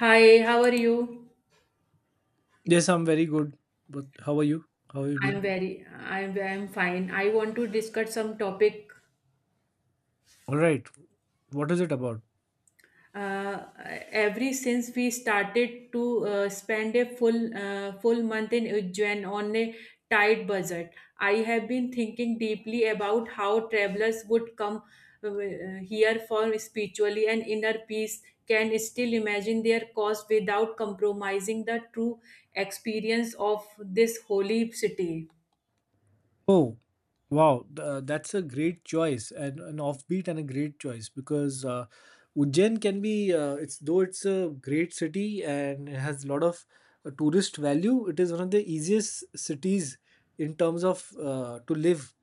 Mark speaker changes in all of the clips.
Speaker 1: Hi, how are you?
Speaker 2: Yes, I'm very good. But how are you? How have you
Speaker 1: I'm
Speaker 2: been?
Speaker 1: very, I'm, I'm fine. I want to discuss some topic.
Speaker 2: All right. What is it about?
Speaker 1: Uh, every since we started to spend a full month in Ujjain on a tight budget, I have been thinking deeply about how travelers would come uh, here for spiritually and inner peace. Can still imagine their cost without compromising the true experience of this holy city.
Speaker 2: Oh, wow. That's a great choice and an offbeat and a great choice because Ujjain can be, it's though it's a great city and it has a lot of tourist value. It is one of the easiest cities in terms of, to live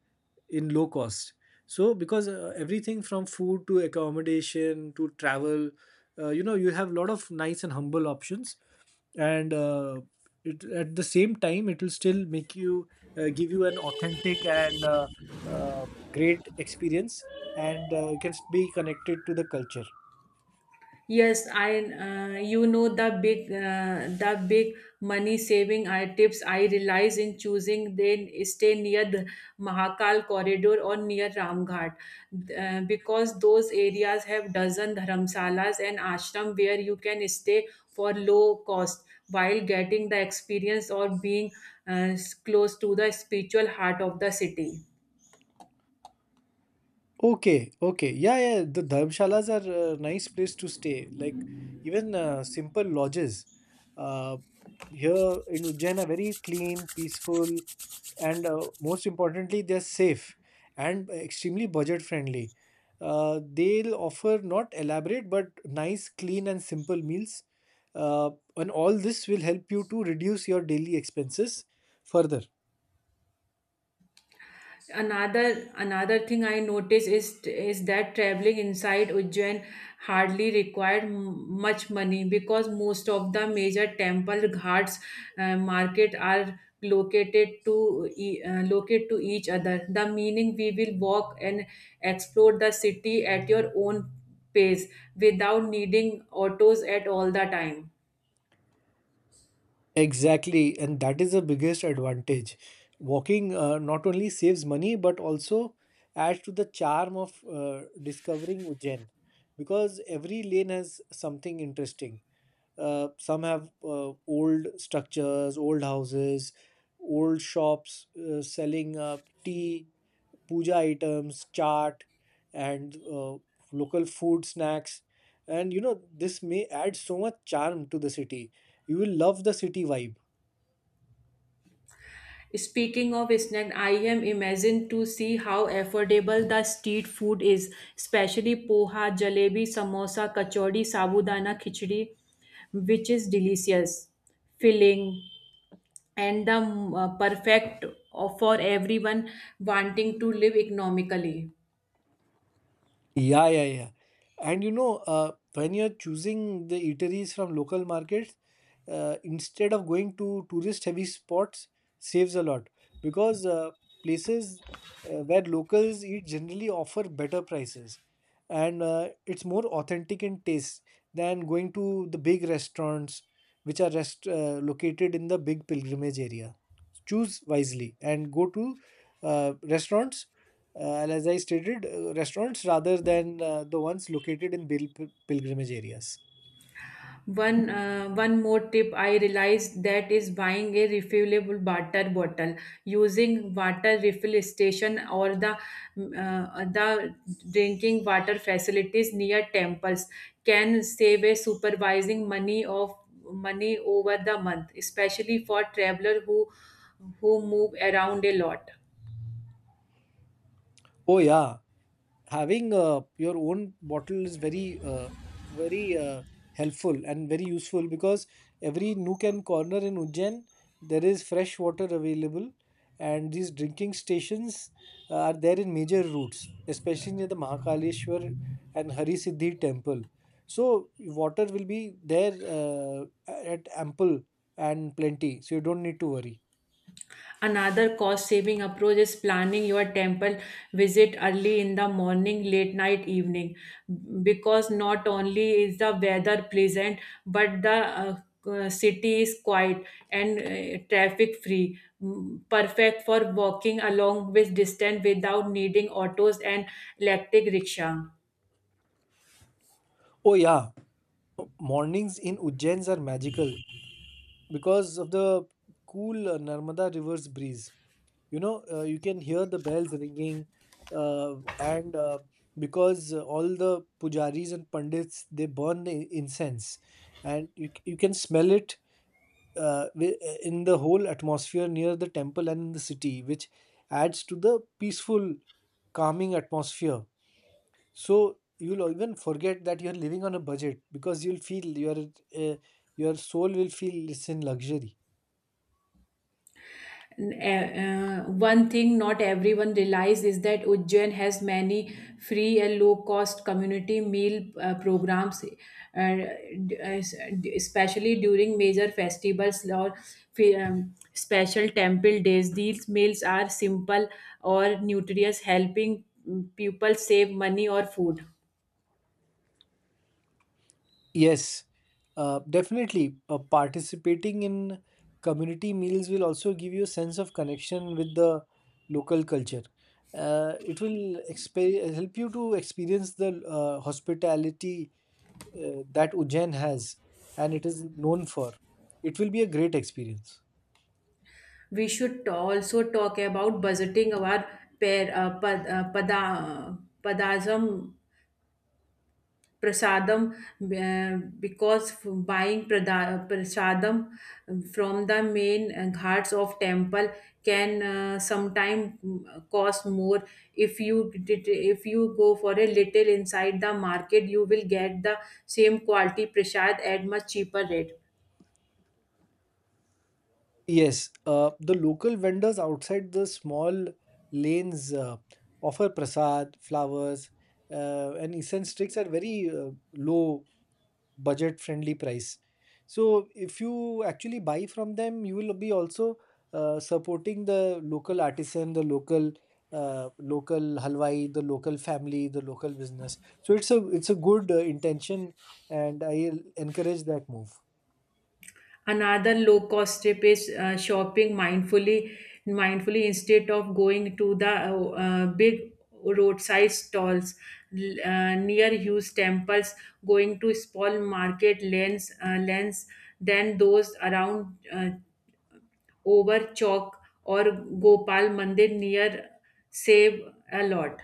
Speaker 2: in low cost. So, because everything from food to accommodation to travel, you know, you have a lot of nice and humble options, and it at the same time it will still make you, give you an authentic and, uh, great experience, and you can be connected to the culture.
Speaker 1: Yes, I the big money saving I tips I realize in choosing then stay near the Mahakal corridor or near Ramghat because those areas have dozen dharamsalas and ashram where you can stay for low cost while getting the experience or being uh, close to the spiritual heart of the city.
Speaker 2: Okay, okay. Yeah, yeah. The dharmshalas are a nice place to stay, like even simple lodges uh, here in Ujjain are very clean, peaceful, and most importantly they're safe, and extremely budget friendly. They'll offer not elaborate but nice, clean and simple meals, uh, and all this will help you to reduce your daily expenses further.
Speaker 1: Another thing I notice is that traveling inside ujjain hardly required much money because most of the major temple ghats market are located to locate to each other the meaning we will walk and explore the city at your own pace without needing autos at all the time.
Speaker 2: Exactly, and that is the biggest advantage. Walking not only saves money but also adds to the charm of discovering Ujjain, because every lane has something interesting. Some have old structures, old houses, old shops selling tea, puja items, chaat, and local food snacks. And you know, this may add so much charm to the city. You will love the city vibe.
Speaker 1: Speaking of snack, I am amazed to see how affordable the street food is, especially poha, jalebi, samosa, kachori, sabudana khichdi, which is delicious, filling, and the perfect for everyone wanting to live economically.
Speaker 2: Yeah, yeah, yeah. And you know, when you're choosing the eateries from local markets, instead of going to tourist heavy spots, saves a lot. Because places where locals eat generally offer better prices, and it's more authentic in taste than going to the big restaurants, which are located in the big pilgrimage area. Choose wisely and go to restaurants, and as I stated, restaurants rather than the ones located in pilgrimage areas.
Speaker 1: One more tip I realized that is buying a refillable water bottle, using water refill station or the drinking water facilities near temples can save a supervising money of money over the month, especially for traveler who move around a lot.
Speaker 2: Oh yeah, having your own bottle is very helpful and very useful, because every nook and corner in Ujjain, there is fresh water available, and these drinking stations are there in major routes, especially near the Mahakaleshwar and Hari Siddhi temple. So water will be there, at ample and plenty, so you don't need to worry.
Speaker 1: Another cost saving approach is planning your temple visit early in the morning, late night, evening, because not only is the weather pleasant, but the city is quiet and traffic free, perfect for walking along with distance without needing autos and electric rickshaw.
Speaker 2: Oh yeah, mornings in Ujjains are magical because of the cool Narmada river's breeze. You know, you can hear the bells ringing, and because all the pujaris and pandits, they burn the incense, and you can smell it in the whole atmosphere near the temple and in the city, which adds to the peaceful, calming atmosphere. So you'll even forget that you're living on a budget, because you'll feel uh, your soul will feel it's in luxury.
Speaker 1: uh, one thing not everyone realizes is that Ujjain has many free and low cost community meal programs, d- uh, especially during major festivals or special temple days. These meals are simple or nutritious, helping people save money or food.
Speaker 2: Yes, definitely. Participating in community meals will also give you a sense of connection with the local culture. It will help you to experience the hospitality that Ujjain has and it is known for. It will be a great experience.
Speaker 1: We should also talk about budgeting our per, pad, pada, padasam prasadam because buying prasadam from the main ghats of temple can sometimes cost more. If if you go for a little inside the market you will get the same quality prasad at much cheaper rate.
Speaker 2: Yes, the local vendors outside the small lanes offer prasad, flowers, and incense sticks at very low, budget friendly price. So if you actually buy from them, you will be also supporting the local artisan, the local local halwai, the local family, the local business. So it's a good intention, and I encourage that move.
Speaker 1: Another low cost trip is shopping mindfully instead of going to the big roadside stalls near huge temples, going to small market lanes than those around over chalk or gopal mandir near save a lot.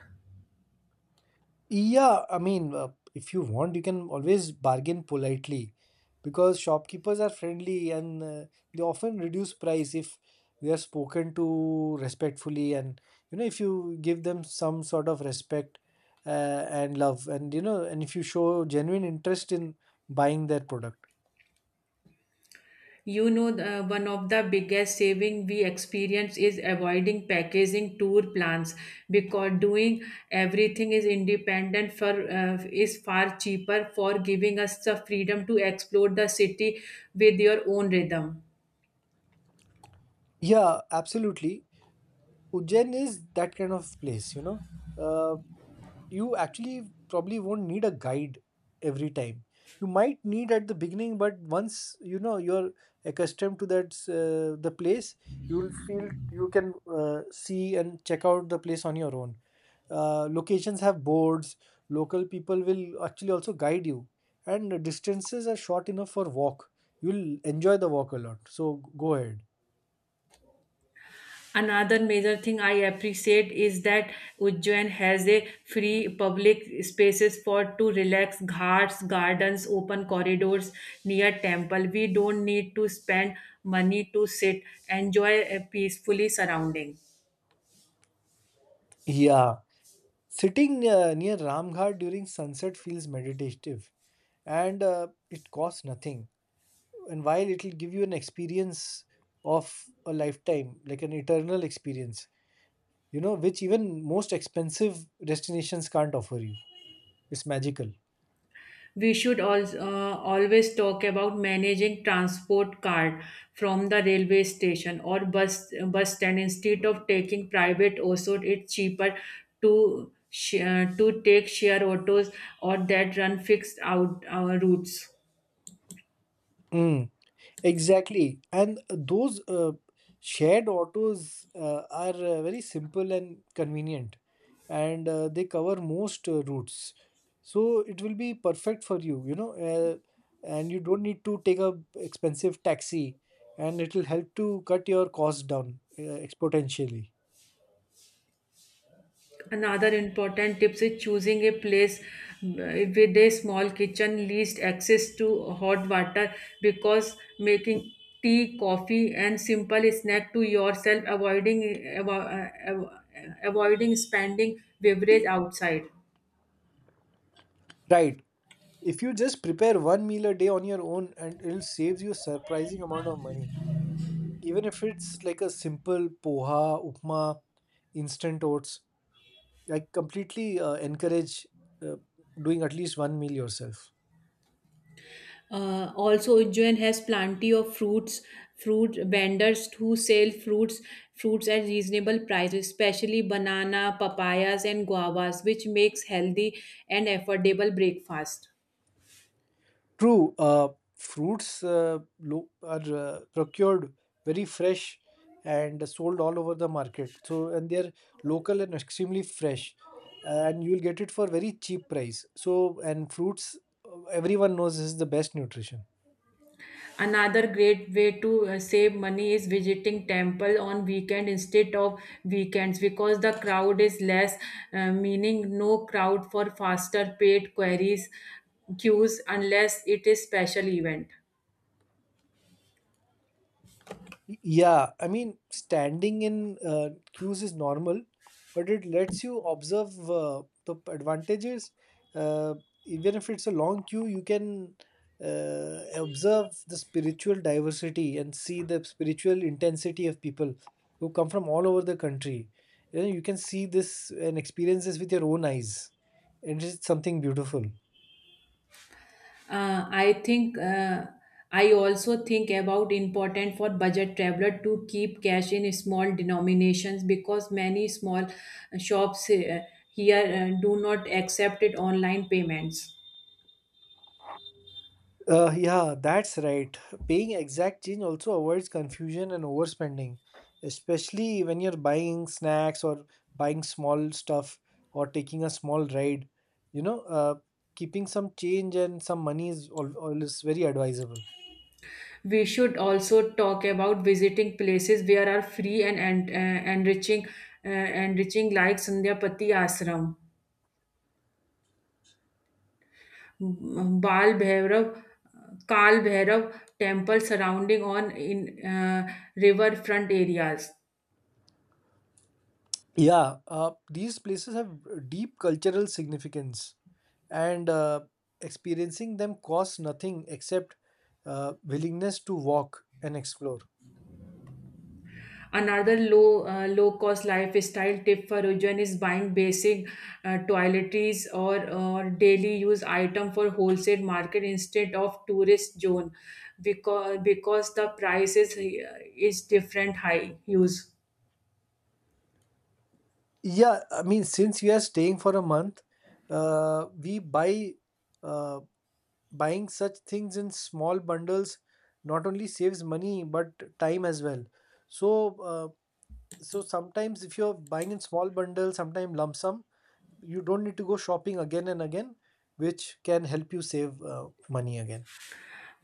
Speaker 2: Yeah, I mean, if you want, you can always bargain politely, because shopkeepers are friendly and they often reduce price if they are spoken to respectfully, and you know, if you give them some sort of respect uh, and love, and you know, and if you show genuine interest in buying their product.
Speaker 1: You know, one of the biggest saving we experience is avoiding packaging tour plans because doing everything is independent for is far cheaper for giving us the freedom to explore the city with your own rhythm.
Speaker 2: Yeah, absolutely. Ujjain is that kind of place, you know. Uh, you actually probably won't need a guide every time. You might need at the beginning, but once you know you're accustomed to that the place, you'll feel you can see and check out the place on your own. Uh, locations have boards, local people will actually also guide you, and the distances are short enough for walk. You'll enjoy the walk a lot, so go ahead.
Speaker 1: Another major thing I appreciate is that Ujjain has a free public spaces for to relax, ghats, gardens, open corridors near temple. We don't need to spend money to sit, enjoy a peacefully surrounding.
Speaker 2: Yeah, sitting near Ramghat during sunset feels meditative, and it costs nothing, and while it'll give you an experience of a lifetime, like an eternal experience, you know, which even most expensive destinations can't offer you. It's magical.
Speaker 1: We should also always talk about managing transport card from the railway station or bus stand instead of taking private, also it's cheaper to to take share autos or that run fixed out routes.
Speaker 2: Mm. Exactly. And those shared autos are very simple and convenient, and they cover most routes. So it will be perfect for you, you know, and you don't need to take a expensive taxi, and it will help to cut your costs down exponentially.
Speaker 1: Another important tips is choosing a place with a small kitchen, least access to hot water because making tea, coffee, and simple snack to yourself, avoiding spending beverage outside.
Speaker 2: Right. If you just prepare one meal a day on your own, and it'll save you a surprising amount of money. Even if it's like a simple poha, upma, instant oats, I completely encourage uh, doing at least one meal yourself.
Speaker 1: Also, Ujjain has plenty of fruits, fruit vendors who sell fruits at reasonable prices, especially banana, papayas, and guavas, which makes healthy and affordable breakfast.
Speaker 2: True, fruits are procured very fresh and sold all over the market. So, and they're local and extremely fresh, and you'll get it for very cheap price. So, and fruits, everyone knows, is the best nutrition.
Speaker 1: Another great way to save money is visiting temple on weekend instead of weekends because the crowd is less, meaning no crowd for faster paid queries queues unless it is special event.
Speaker 2: Yeah, I mean, standing in queues is normal, but it lets you observe the advantages. Uh, even if it's a long queue, you can observe the spiritual diversity and see the spiritual intensity of people who come from all over the country. You know, you can see this and experience this with your own eyes, and it's something beautiful.
Speaker 1: Uh, I think uh, I also think about important for budget traveler to keep cash in small denominations because many small shops here do not accept it online payments.
Speaker 2: Yeah, that's right. Paying exact change also avoids confusion and overspending, especially when you're buying snacks or buying small stuff or taking a small ride. You know, keeping some change and some money is always very advisable.
Speaker 1: We should also talk about visiting places where are free and enriching, enriching like Sandhyapati Ashram, Bal Bhairav, Kal Bhairav temple surrounding on in riverfront areas.
Speaker 2: Yeah, these places have deep cultural significance, and experiencing them costs nothing except willingness to walk and explore.
Speaker 1: Another low cost lifestyle tip for Ujjain is buying basic toiletries or daily use item for wholesale market instead of tourist zone because the price is different high use.
Speaker 2: Yeah, I mean, since we are staying for a month, we buy uh, buying such things in small bundles not only saves money but time as well. So, so sometimes if you're buying in small bundles, sometimes lump sum, you don't need to go shopping again and again, which can help you save money again.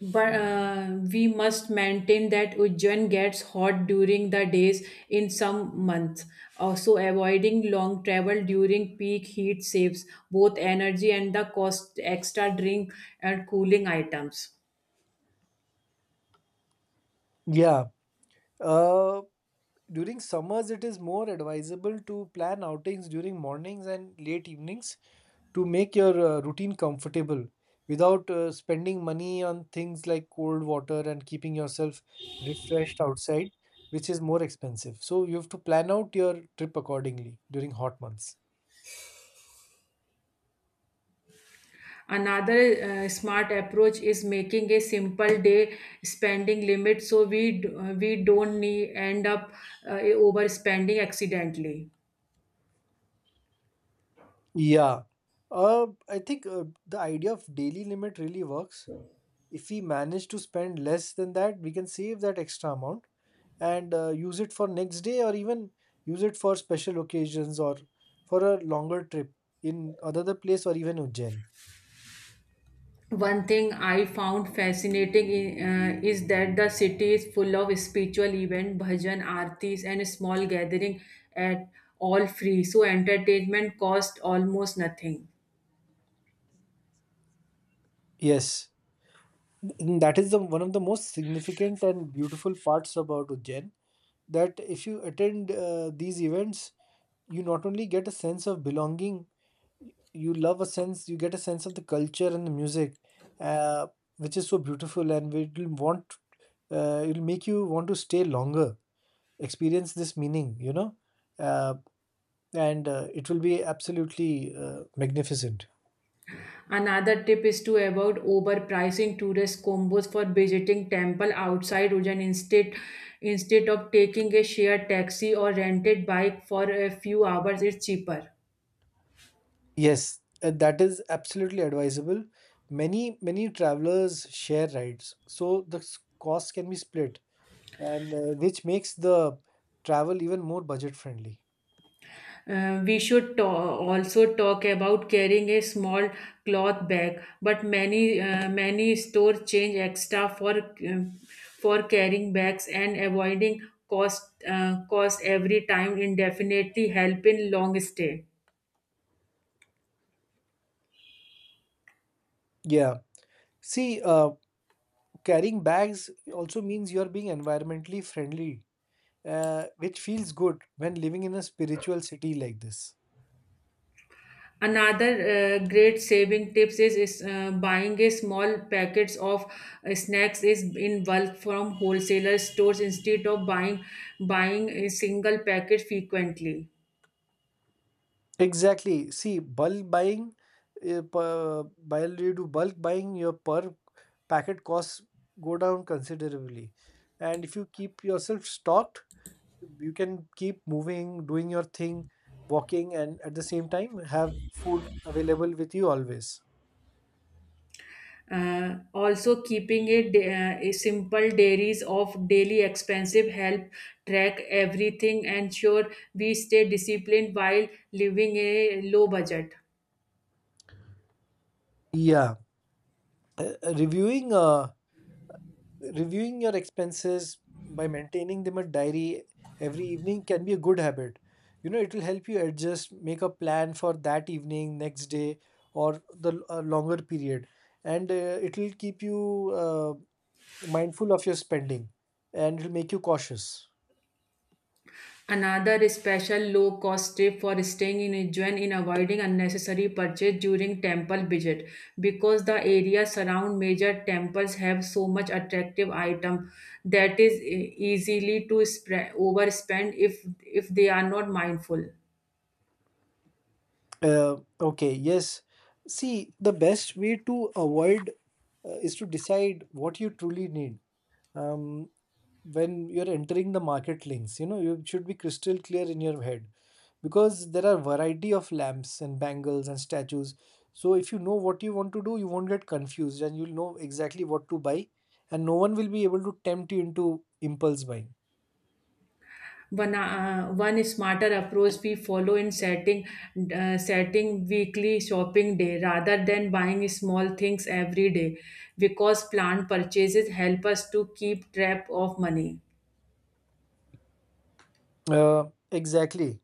Speaker 1: But we must maintain that Ujjain gets hot during the days in some months. Also, avoiding long travel during peak heat saves both energy and the cost extra drink and cooling items.
Speaker 2: Yeah. Uh, during summers, it is more advisable to plan outings during mornings and late evenings, to make your routine comfortable without spending money on things like cold water and keeping yourself refreshed outside, which is more expensive. So you have to plan out your trip accordingly during hot months.
Speaker 1: Another smart approach is making a simple day spending limit so we don't need end up overspending accidentally.
Speaker 2: Yeah. I think the idea of daily limit really works. If we manage to spend less than that, we can save that extra amount and use it for next day, or even use it for special occasions, or for a longer trip in another place or even Ujjain.
Speaker 1: One thing I found fascinating is that the city is full of spiritual events, bhajan, aartis, and small gathering at all free. So entertainment cost almost nothing.
Speaker 2: Yes, and that is the one of the most significant and beautiful parts about Ujjain. That if you attend these events, you not only get a sense of belonging, you get a sense of the culture and the music, uh, which is so beautiful, and it'll make you want to stay longer, experience this meaning, you know, uh, and it will be absolutely magnificent.
Speaker 1: Another tip is to avoid overpricing tourist combos for visiting temple outside Ujjain instead of taking a shared taxi or rented bike for a few hours. It's cheaper.
Speaker 2: Yes, that is absolutely advisable. Many travelers share rides, so the cost can be split, and which makes the travel even more budget friendly.
Speaker 1: We also talk about carrying a small cloth bag, but many stores change extra um, for carrying bags and avoiding cost every time indefinitely help in long stay.
Speaker 2: Yeah. See, carrying bags also means you're being environmentally friendly, which feels good when living in a spiritual city like this.
Speaker 1: Another great saving tips is buying a small packets of snacks is in bulk from wholesaler stores instead of buying a single packet frequently.
Speaker 2: Exactly. See, bulk buying, while you do bulk buying, your per packet costs go down considerably. And if you keep yourself stocked, you can keep moving, doing your thing, walking, and at the same time have food available with you always.
Speaker 1: Also, keeping a simple diaries of daily expensive help track everything, ensure we stay disciplined while living a low budget.
Speaker 2: Yeah. Uh, reviewing uh, Reviewing your expenses by maintaining them a diary every evening can be a good habit. You know, it will help you adjust, make a plan for that evening, next day, or the longer period. And it will keep you mindful of your spending, and it will make you cautious.
Speaker 1: Another special low cost tip for staying in Ujjain in avoiding unnecessary purchase during temple visit because the area surround major temples have so much attractive item that is easily to overspend if they are not mindful.
Speaker 2: Okay, yes. See, the best way to avoid is to decide what you truly need. Um, when you're entering the market links, you know, you should be crystal clear in your head, because there are variety of lamps and bangles and statues. So if you know what you want to do, you won't get confused and you'll know exactly what to buy, and no one will be able to tempt you into impulse buying.
Speaker 1: One smarter approach we follow in setting weekly shopping day rather than buying small things every day because planned purchases help us to keep track of money.
Speaker 2: uh, exactly.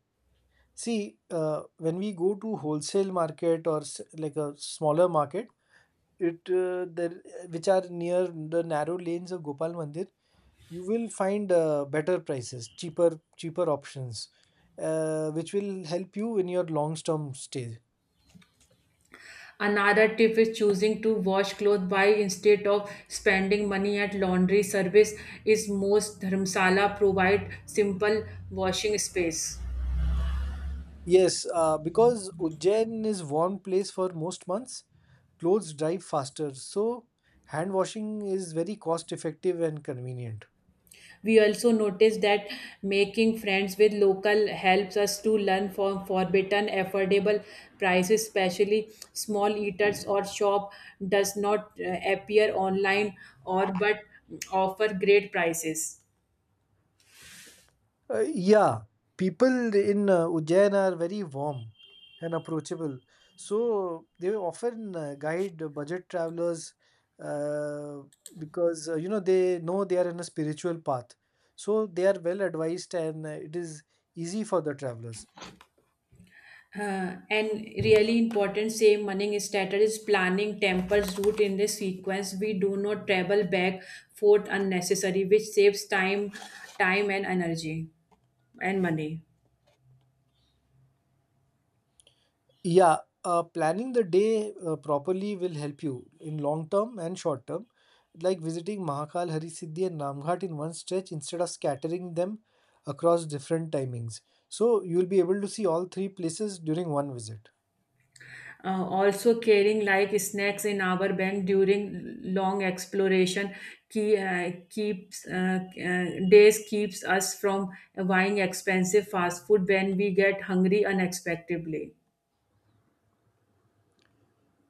Speaker 2: See, when we go to wholesale market or like a smaller market, it there which are near the narrow lanes of Gopal Mandir, you will find better prices, cheaper options, which will help you in your long term stay.
Speaker 1: Another tip is choosing to wash clothes by instead of spending money at laundry service is most dharmsala provide simple washing space.
Speaker 2: Yes, because Ujjain is warm place for most months, clothes dry faster, so hand washing is very cost effective and convenient.
Speaker 1: We also noticed that making friends with local helps us to learn from forbidden affordable prices, especially small eaters or shop does not appear online or but offer great prices.
Speaker 2: Yeah, people in Ujjain are very warm and approachable. So they often guide the budget travelers, uh, because you know, they know they are in a spiritual path. So they are well advised, and it is easy for the travelers.
Speaker 1: And really important save money strategy is planning tempers route in the sequence. We do not travel back forth unnecessary, which saves time and energy and money.
Speaker 2: Yeah, planning the day properly will help you in long term and short term, like visiting Mahakal, Harisiddhi, and Namghat in one stretch instead of scattering them across different timings. So you'll be able to see all three places during one visit.
Speaker 1: Also carrying like snacks in our bag during long exploration key, keeps days keeps us from buying expensive fast food when we get hungry unexpectedly.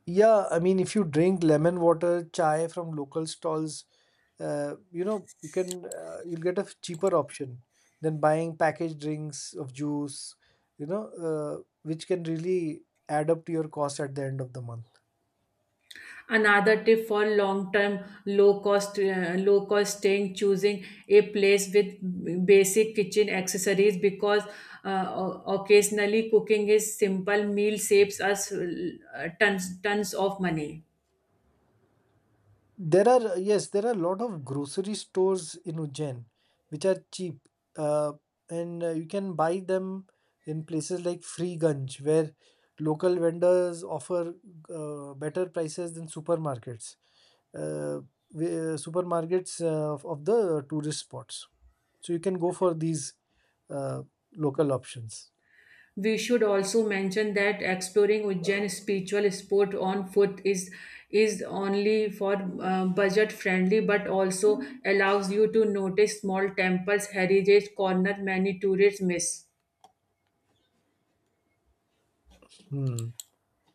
Speaker 2: Yeah, I mean, if you drink lemon water chai from local stalls, you know, you'll get a cheaper option than buying packaged drinks of juice, you know, which can really add up to your cost at the end of the month.
Speaker 1: Another tip for long term low cost staying choosing a place with basic kitchen accessories because occasionally cooking is simple meal saves us tons of money.
Speaker 2: There are, yes, there are a lot of grocery stores in Ujjain which are cheap, uh, and you can buy them in places like Freeganj, where local vendors offer better prices than supermarkets, uh, supermarkets of the tourist spots. So you can go for these, uh, local options.
Speaker 1: We should also mention that exploring Ujjain spiritual sport on foot is only for budget friendly but also allows you to notice small temples heritage corner many tourists miss.
Speaker 2: Hmm.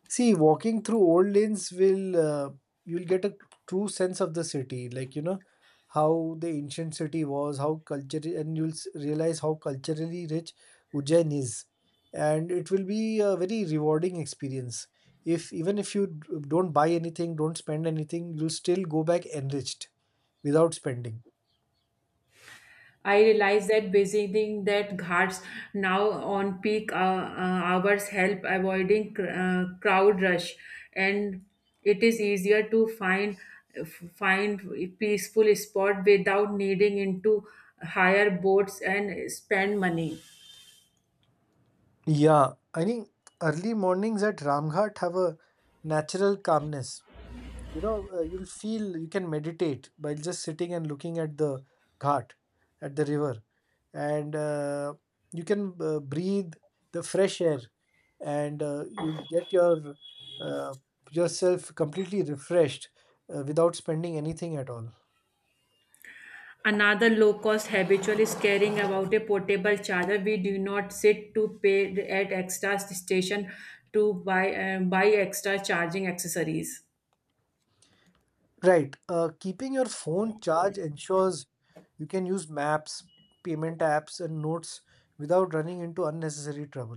Speaker 2: See, walking through old lanes will, you'll get a true sense of the city, like, you know, how the ancient city was, how culture, and you'll realize how culturally rich Ujjain is, and it will be a very rewarding experience. If even if you don't buy anything, don't spend anything, you'll still go back enriched without spending.
Speaker 1: I realize that visiting that ghats now on peak hours help avoiding crowd rush, and it is easier to find peaceful spot without needing into higher boats and spend money.
Speaker 2: Yeah, I think early mornings at Ramghat have a natural calmness, you know, you'll feel you can meditate by just sitting and looking at the ghat, at the river, and you can breathe the fresh air, and you get your uh, yourself completely refreshed, without spending anything at all.
Speaker 1: Another low cost habitual is caring about a portable charger. We do not sit to pay at extra station to buy buy extra charging accessories.
Speaker 2: Right, keeping your phone charged ensures you can use maps, payment apps and notes without running into unnecessary trouble.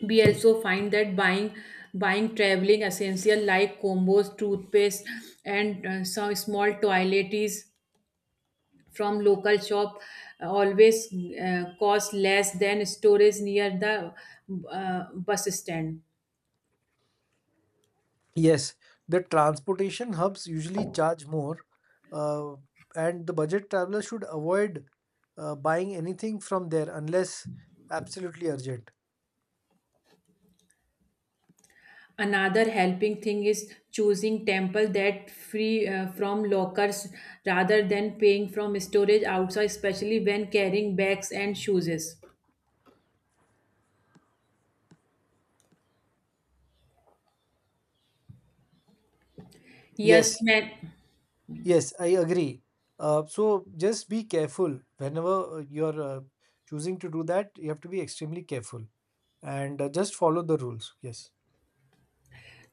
Speaker 1: We also find that buying traveling essential like combos toothpaste and some small toiletries from local shop always cost less than storage near the bus stand.
Speaker 2: Yes, the transportation hubs usually charge more, uh, and the budget traveler should avoid buying anything from there unless absolutely urgent.
Speaker 1: Another helping thing is choosing temple that free from lockers rather than paying from storage outside especially when carrying bags and shoes, yes
Speaker 2: Yes,
Speaker 1: man.
Speaker 2: yes, I agree. So just be careful whenever you're choosing to do that, you have to be extremely careful, and just follow the rules. Yes,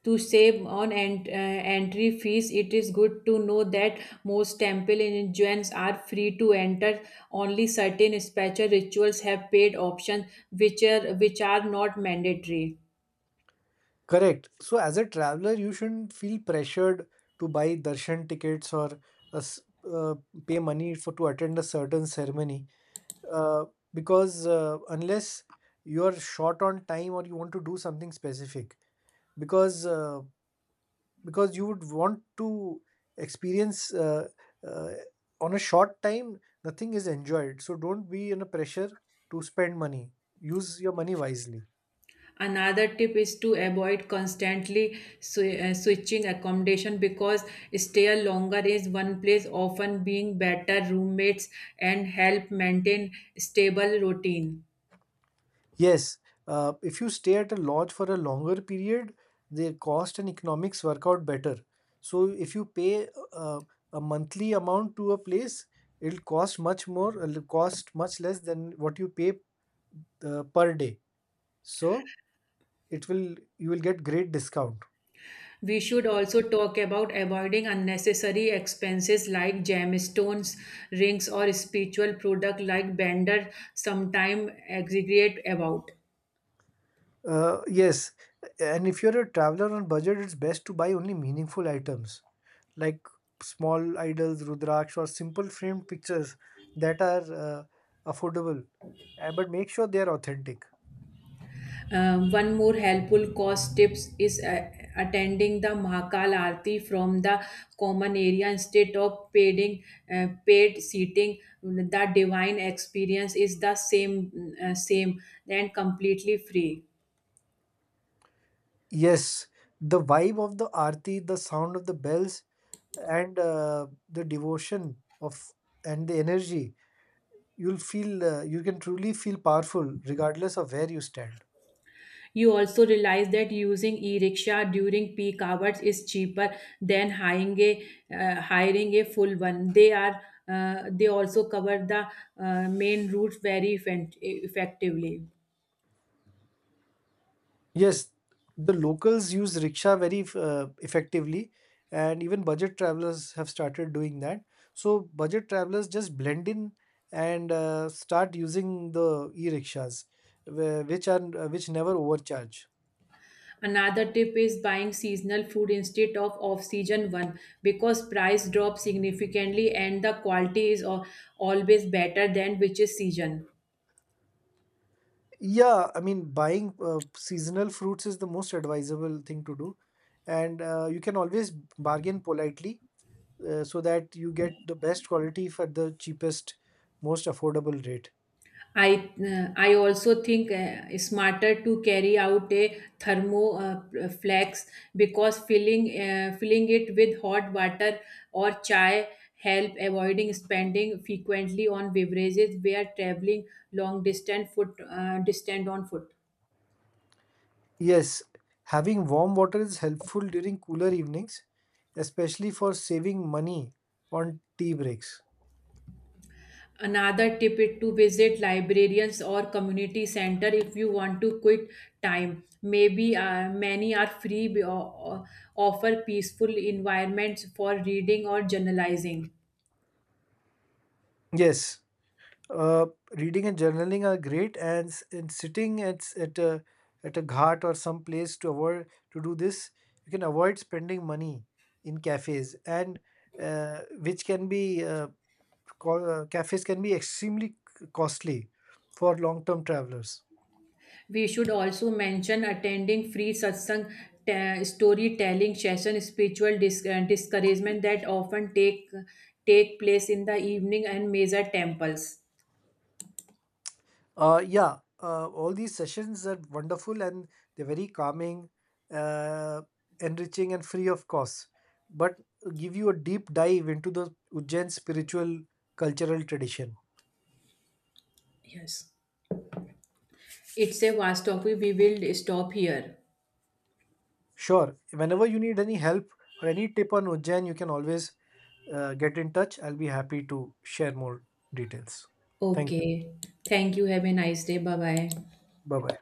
Speaker 1: To save on entry fees it is good to know that most temple entrance are free to enter, only certain special rituals have paid options which are not mandatory.
Speaker 2: correct. So as a traveler, you shouldn't feel pressured to buy darshan tickets, or uh, s- uh, pay money for to attend a certain ceremony, uh, because unless you are short on time or you want to do something specific, because uh, because you would want to experience, uh, on a short time nothing is enjoyed, so don't be in a pressure to spend money, use your money wisely.
Speaker 1: Another tip is to avoid constantly switching accommodation because stay longer is one place often being better roommates and help maintain stable routine.
Speaker 2: Yes, if you stay at a lodge for a longer period, the cost and economics work out better. So if you pay uh, a monthly amount to a place, it'll cost much more, it'll cost much less than what you pay per day. So it will you will get great discount.
Speaker 1: We should also talk about avoiding unnecessary expenses like gemstones, rings, or spiritual product like vendor sometime exaggerate about.
Speaker 2: Yes, and if you're a traveler on budget, it's best to buy only meaningful items. Like small idols, Rudraksh, or simple framed pictures that are affordable, but make sure they are authentic.
Speaker 1: One more helpful cost tips is attending the Mahakal Aarti from the common area instead of paying paid seating. The divine experience is the same and completely free.
Speaker 2: Yes, the vibe of the aarti, the sound of the bells, and the devotion of, and the energy, you'll feel, you can truly feel powerful regardless of where you stand.
Speaker 1: You also realize that using e-rickshaw during peak hours is cheaper than hiring a full one. They are they also cover the main routes very effectively.
Speaker 2: Yes, the locals use rickshaw very effectively, and even budget travelers have started doing that. So budget travelers just blend in and start using the e-rickshaws, which are which never overcharge.
Speaker 1: Another tip is buying seasonal food instead of off-season one because price drops significantly and the quality is always better than which is season.
Speaker 2: Yeah, I mean buying seasonal fruits is the most advisable thing to do, and you can always bargain politely, so that you get the best quality for the cheapest, most affordable rate.
Speaker 1: I also think it's smarter to carry out a thermo flex because filling it with hot water or chai help avoiding spending frequently on beverages where traveling long distance foot distant on foot.
Speaker 2: Yes, having warm water is helpful during cooler evenings, especially for saving money on tea breaks.
Speaker 1: Another tip is to visit librarians or community center if you want to quit time. Maybe many are free or offer peaceful environments for reading or journalizing.
Speaker 2: Yes, uh, reading and journaling are great, and, and sitting at at a ghat or some place to avoid to do this, you can avoid spending money in cafes, and which can be cafes can be extremely costly for long term travelers.
Speaker 1: We should also mention attending free satsang, storytelling session, spiritual discouragement that often take place in the evening and major temples.
Speaker 2: Yeah, all these sessions are wonderful and they're very calming, uh, enriching, and free of cost, but give you a deep dive into the Ujjain spiritual cultural tradition.
Speaker 1: Yes. It's a vast topic. We will stop here.
Speaker 2: Sure, whenever you need any help or any tip on Ujjain, you can always get in touch. I'll be happy to share more details. Thank you.
Speaker 1: Okay. Thank you. Have a nice day. Bye bye.
Speaker 2: Bye bye.